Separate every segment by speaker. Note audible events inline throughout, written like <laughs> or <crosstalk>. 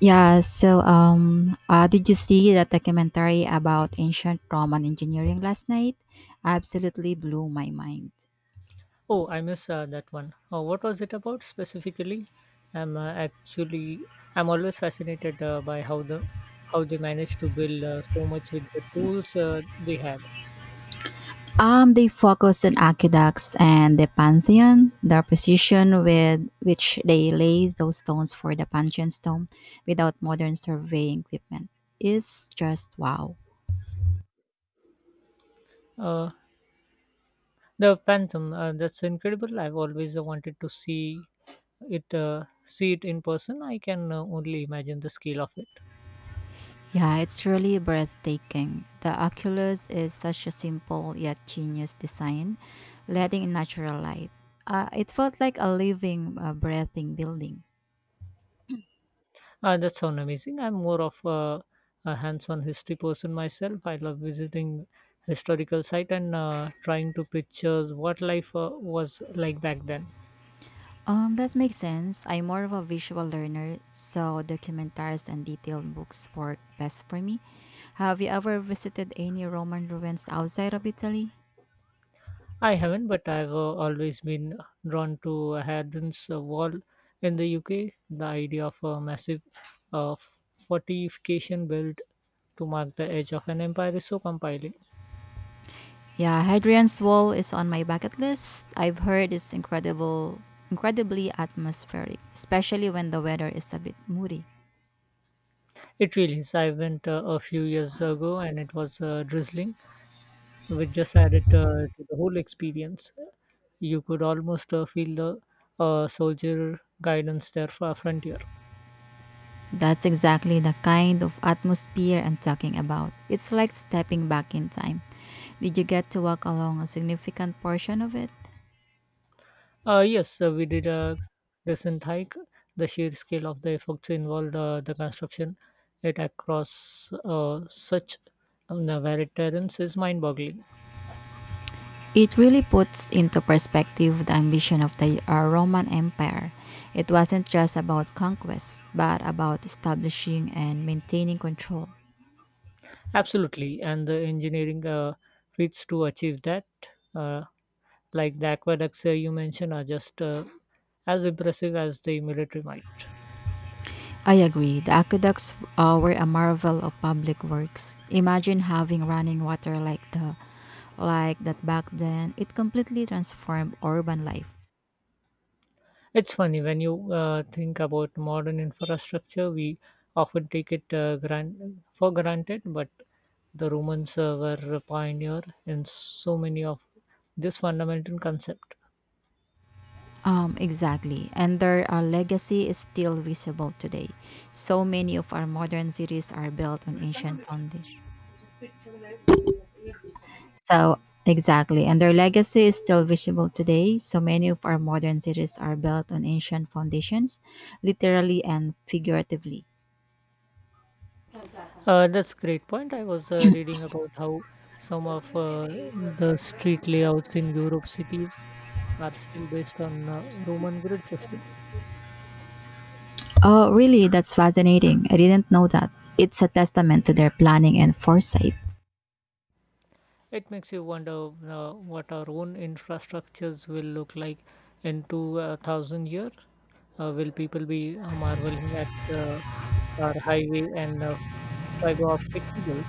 Speaker 1: Did you see that documentary about ancient Roman engineering last night? Absolutely blew my mind.
Speaker 2: Oh, I miss that one. Oh, what was it about specifically? I'm uh, actually I'm always fascinated by how they managed to build so much with the tools they had.
Speaker 1: They focused on aqueducts and the Pantheon. The precision with which they lay those stones for the Pantheon stone without modern surveying equipment is just wow.
Speaker 2: Uh, the Phantom, that's incredible. I've always wanted to see it in person. I can only imagine the scale of it.
Speaker 1: Yeah, it's really breathtaking. The Oculus is such a simple yet genius design, letting in natural light. It felt like a living, breathing building.
Speaker 2: That sounds amazing. I'm more of a hands-on history person myself. I love visiting historical site and trying to pictures what life was like back then.
Speaker 1: That makes sense. I'm more of a visual learner, so documentaries and detailed books work best for me. Have you ever visited any Roman ruins outside of Italy?
Speaker 2: I haven't, but I've always been drawn to Hadrian's Wall in the UK. The idea of a massive uh, fortification built to mark the edge of an empire is so compelling.
Speaker 1: Yeah, Hadrian's Wall is on my bucket list. I've heard it's incredibly atmospheric, especially when the weather is a bit moody.
Speaker 2: It really is. I went a few years ago, and it was drizzling which just added to the whole experience. You could almost feel the soldier guidance there for frontier.
Speaker 1: That's exactly the kind of atmosphere I'm talking about. It's like stepping back in time. Did you get to walk along a significant portion of it?
Speaker 2: Yes, we did a recent hike. The sheer scale of the effects involved, the construction, it across such the varied terrains is mind-boggling.
Speaker 1: It really puts into perspective the ambition of the Roman Empire. It wasn't just about conquest, but about establishing and maintaining control.
Speaker 2: Absolutely, and the engineering feats to achieve that, uh, like the aqueducts you mentioned, are just as impressive as the military might.
Speaker 1: I agree. The aqueducts were a marvel of public works. Imagine having running water like that back then. It completely transformed urban life.
Speaker 2: It's funny when you think about modern infrastructure, we often take it for granted, but the Romans were a pioneer in so many of this fundamental concept.
Speaker 1: Exactly. And their legacy is still visible today. So many of our modern cities are built on ancient foundations. So exactly, and their legacy is still visible today. So many of our modern cities are built on ancient foundations, literally and figuratively.
Speaker 2: That's great point. I was reading about how some of the street layouts in Europe cities are still based on Roman grid system.
Speaker 1: Oh, really? That's fascinating. I didn't know that. It's a testament to their planning and foresight.
Speaker 2: It makes you wonder what our own infrastructures will look like in two thousand years. Will people be marveling at uh, our highway and fiber optic cables?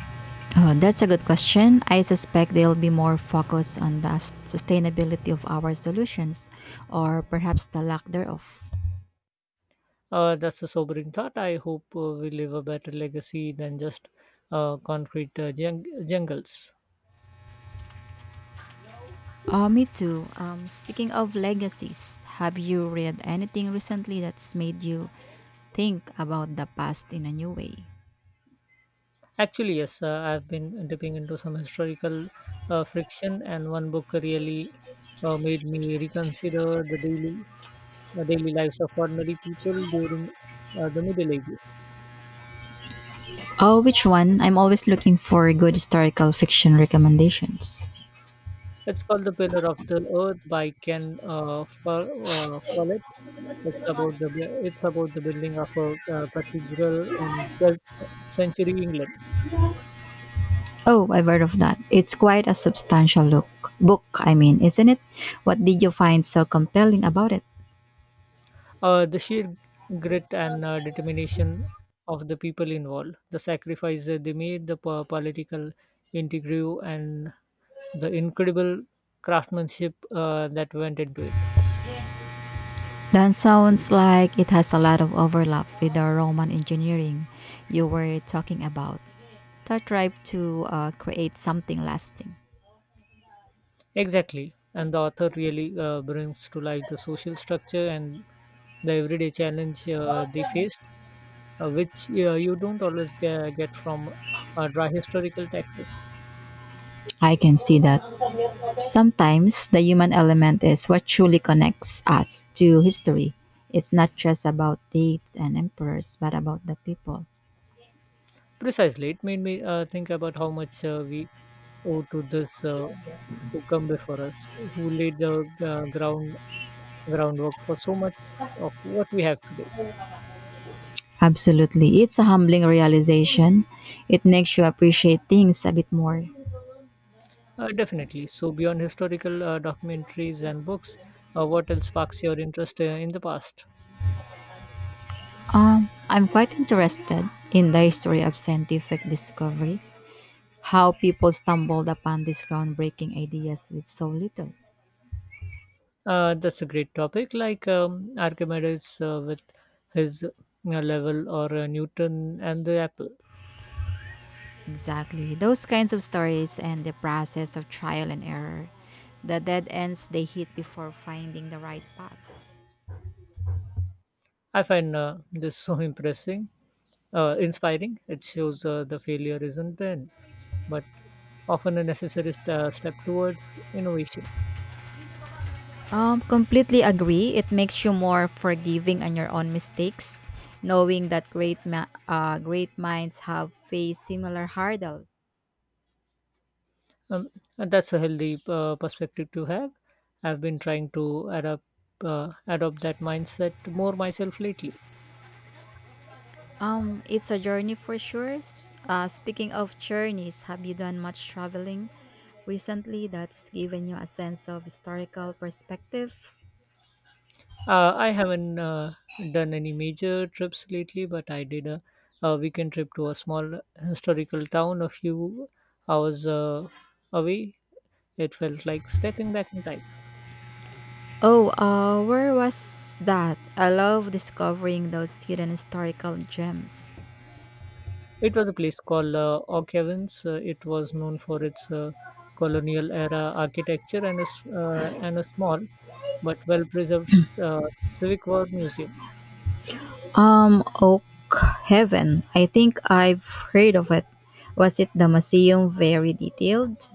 Speaker 1: Oh, that's a good question. I suspect they'll be more focused on the sustainability of our solutions, or perhaps the lack thereof.
Speaker 2: That's a sobering thought. I hope we leave a better legacy than just concrete jungles.
Speaker 1: Oh, me too. Speaking of legacies, have you read anything recently that's made you think about the past in a new way?
Speaker 2: Actually, yes, I've been dipping into some historical friction, and one book really made me reconsider the daily lives of ordinary people during the Middle Ages.
Speaker 1: Oh, which one? I'm always looking for good historical fiction recommendations.
Speaker 2: It's called The Pillar of the Earth by Ken Follett. It's about it's about the building of a cathedral in 12th century England.
Speaker 1: Oh, I've heard of that. It's quite a substantial look. Book, I mean, isn't it? What did you find so compelling about it?
Speaker 2: The sheer grit and determination of the people involved, the sacrifices they made, the political intrigue, and the incredible craftsmanship that went into it.
Speaker 1: That sounds like it has a lot of overlap with the Roman engineering you were talking about. They tried to create something lasting.
Speaker 2: Exactly, and the author really brings to life the social structure and the everyday challenge they faced, which you don't always get from dry historical texts.
Speaker 1: I can see that. Sometimes the human element is what truly connects us to history. It's not just about dates and emperors, but about the people.
Speaker 2: Precisely, it made me think about how much we owe to this who come before us, who laid the groundwork for so much of what we have today.
Speaker 1: Absolutely. It's a humbling realization. It makes you appreciate things a bit more.
Speaker 2: Definitely. So beyond historical documentaries and books, what else sparks your interest in the past?
Speaker 1: I'm quite interested in the history of scientific discovery, how people stumbled upon these groundbreaking ideas with so little.
Speaker 2: That's a great topic, like Archimedes with his level or Newton and the apple.
Speaker 1: Exactly. Those kinds of stories, and the process of trial and error, the dead ends they hit before finding the right path.
Speaker 2: I find this so <laughs> impressing, inspiring. It shows the failure isn't then. But often a necessary step towards innovation.
Speaker 1: Completely agree. It makes you more forgiving on your own mistakes, knowing that great minds have faced similar hurdles.
Speaker 2: Um, and that's a healthy perspective to have. I've been trying to adapt adopt that mindset more myself lately.
Speaker 1: It's a journey for sure. Speaking of journeys, have you done much traveling recently that's given you a sense of historical perspective?
Speaker 2: I haven't done any major trips lately, but I did a weekend trip to a small historical town a few hours away. It felt like stepping back in time.
Speaker 1: Oh, where was that? I love discovering those hidden historical gems.
Speaker 2: It was a place called Oak Evans. It was known for its colonial era architecture and and a small but well preserved Civic War museum.
Speaker 1: Oak Heaven. I think I've heard of it. Was it the museum very detailed?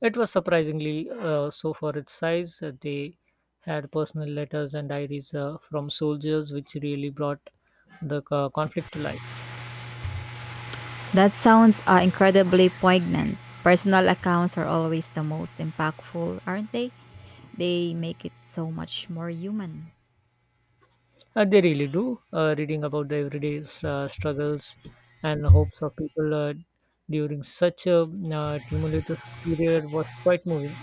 Speaker 2: It was surprisingly so for its size. They had personal letters and diaries from soldiers, which really brought the conflict to life.
Speaker 1: That sounds incredibly poignant. Personal accounts are always the most impactful, aren't they? They make it so much more human.
Speaker 2: They really do. Reading about the everyday struggles and hopes of people during such a tumultuous period was quite moving.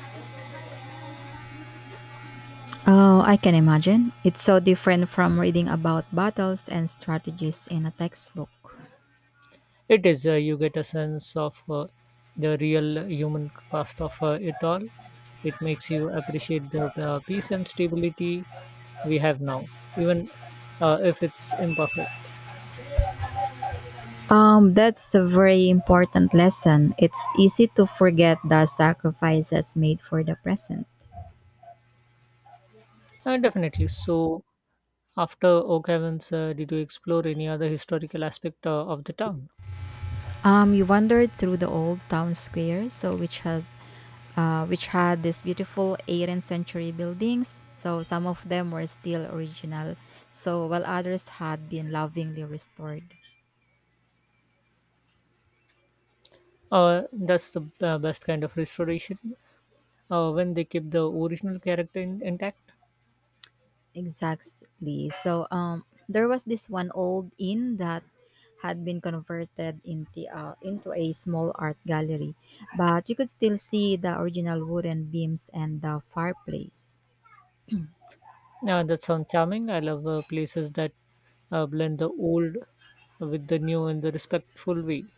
Speaker 1: Oh, I can imagine. It's so different from reading about battles and strategies in a textbook.
Speaker 2: It is. You get a sense of the real human cost of it all. It makes you appreciate the peace and stability we have now, even if it's imperfect.
Speaker 1: That's a very important lesson. It's easy to forget the sacrifices made for the present.
Speaker 2: Definitely. So, after Oak Heavens, did you explore any other historical aspect of the town?
Speaker 1: We wandered through the old town square, which had these beautiful 18th century buildings. So some of them were still original, so while others had been lovingly restored.
Speaker 2: That's the best kind of restoration when they keep the original character intact.
Speaker 1: Exactly. There was this one old inn that had been converted into a small art gallery, but you could still see the original wooden beams and the fireplace.
Speaker 2: That sounds charming. I love places that blend the old with the new in the respectful way.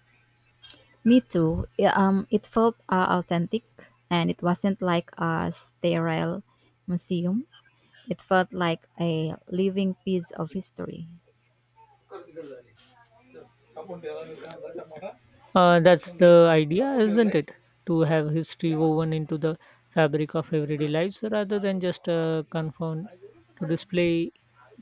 Speaker 1: Me too. Yeah, it felt authentic, and it wasn't like a sterile museum. It felt like a living piece of history.
Speaker 2: That's the idea, isn't it? To have history woven into the fabric of everyday lives rather than just confined to display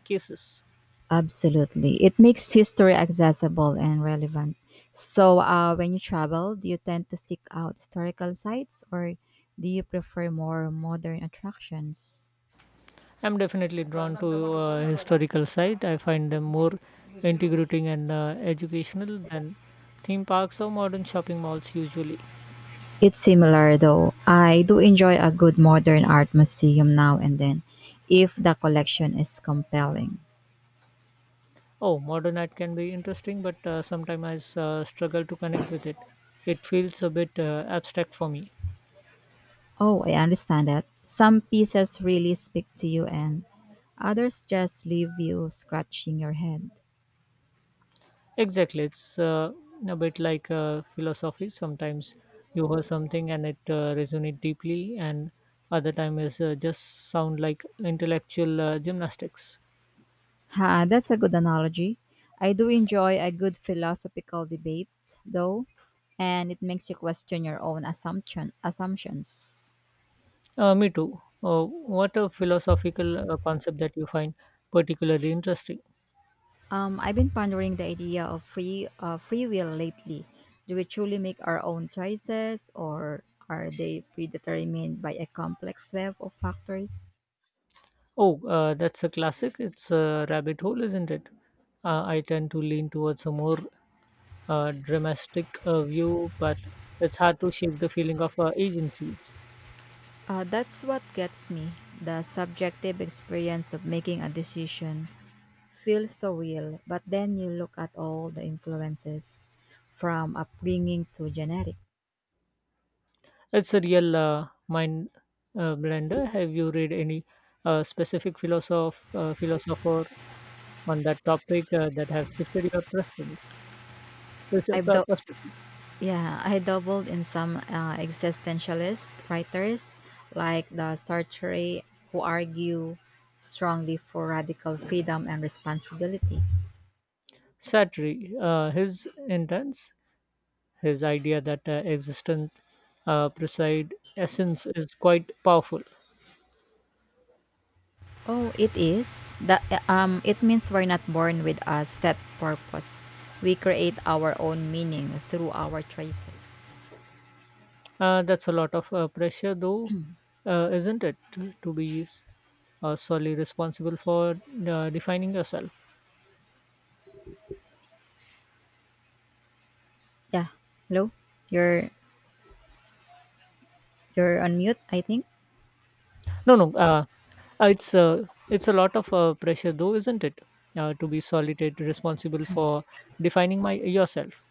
Speaker 2: cases.
Speaker 1: Absolutely, it makes history accessible and relevant. So, when you travel, do you tend to seek out historical sites, or do you prefer more modern attractions?
Speaker 2: I'm definitely drawn to historical site. I find them more integrating and educational than theme parks or modern shopping malls usually.
Speaker 1: It's similar though. I do enjoy a good modern art museum now and then, if the collection is compelling.
Speaker 2: Oh, modern art can be interesting, but sometimes I struggle to connect with it. It feels a bit abstract for me.
Speaker 1: Oh, I understand that. Some pieces really speak to you, and others just leave you scratching your head.
Speaker 2: Exactly, it's a bit like philosophy. Sometimes you hear something and it resonates deeply, and other time is just sound like intellectual gymnastics.
Speaker 1: Ha, that's a good analogy. I do enjoy a good philosophical debate, though, and it makes you question your own assumptions.
Speaker 2: Me too. What a philosophical concept that you find particularly interesting.
Speaker 1: I've been pondering the idea of free will lately. Do we truly make our own choices, or are they predetermined by a complex web of factors?
Speaker 2: Oh, that's a classic. It's a rabbit hole, isn't it? I tend to lean towards a more dramatic view, but it's hard to shape the feeling of agencies.
Speaker 1: That's what gets me. The subjective experience of making a decision feels so real, but then you look at all the influences, from upbringing to genetics.
Speaker 2: It's a real mind blender. Have you read any specific philosopher on that topic that have shifted your
Speaker 1: I've dou-
Speaker 2: perspective?
Speaker 1: yeah, I doubled in some existentialist writers like the Sartre, who argue strongly for radical freedom and responsibility.
Speaker 2: Satri, his intense, his idea that existence preside essence is quite powerful.
Speaker 1: Oh, it is. That it means we're not born with a set purpose. We create our own meaning through our choices.
Speaker 2: That's a lot of pressure, though, isn't it, to be solely responsible for defining yourself?
Speaker 1: Yeah. Hello. You're you're on mute, I think.
Speaker 2: No, no, uh, it's uh, it's a lot of pressure, though, isn't it, to be solely responsible for defining my yourself?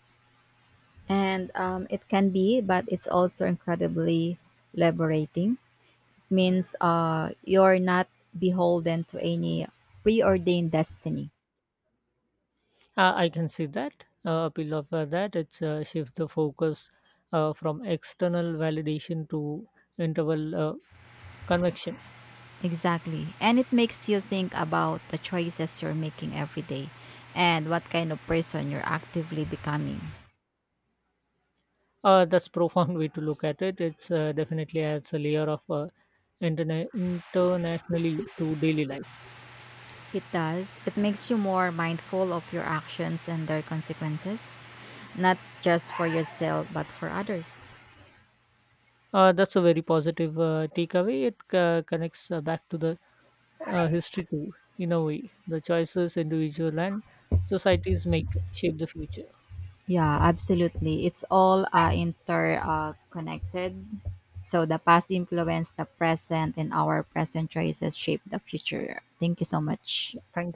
Speaker 1: And It can be, but it's also incredibly liberating. Means you're not beholden to any preordained destiny.
Speaker 2: I can see that. Appeal of that it's shift the focus from external validation to interval convection.
Speaker 1: Exactly. And it makes you think about the choices you're making every day and what kind of person you're actively becoming.
Speaker 2: That's <laughs> profound way to look at it. It's definitely adds a layer of internationally to daily life.
Speaker 1: It does. It makes you more mindful of your actions and their consequences, not just for yourself, but for others.
Speaker 2: That's a very positive takeaway. It connects back to the history too, in a way. The choices individual and societies make shape the future.
Speaker 1: Yeah, absolutely. It's all interconnected. Connected. So the past influence the present, and our present choices shape the future. Thank you so much.
Speaker 2: Yeah, thank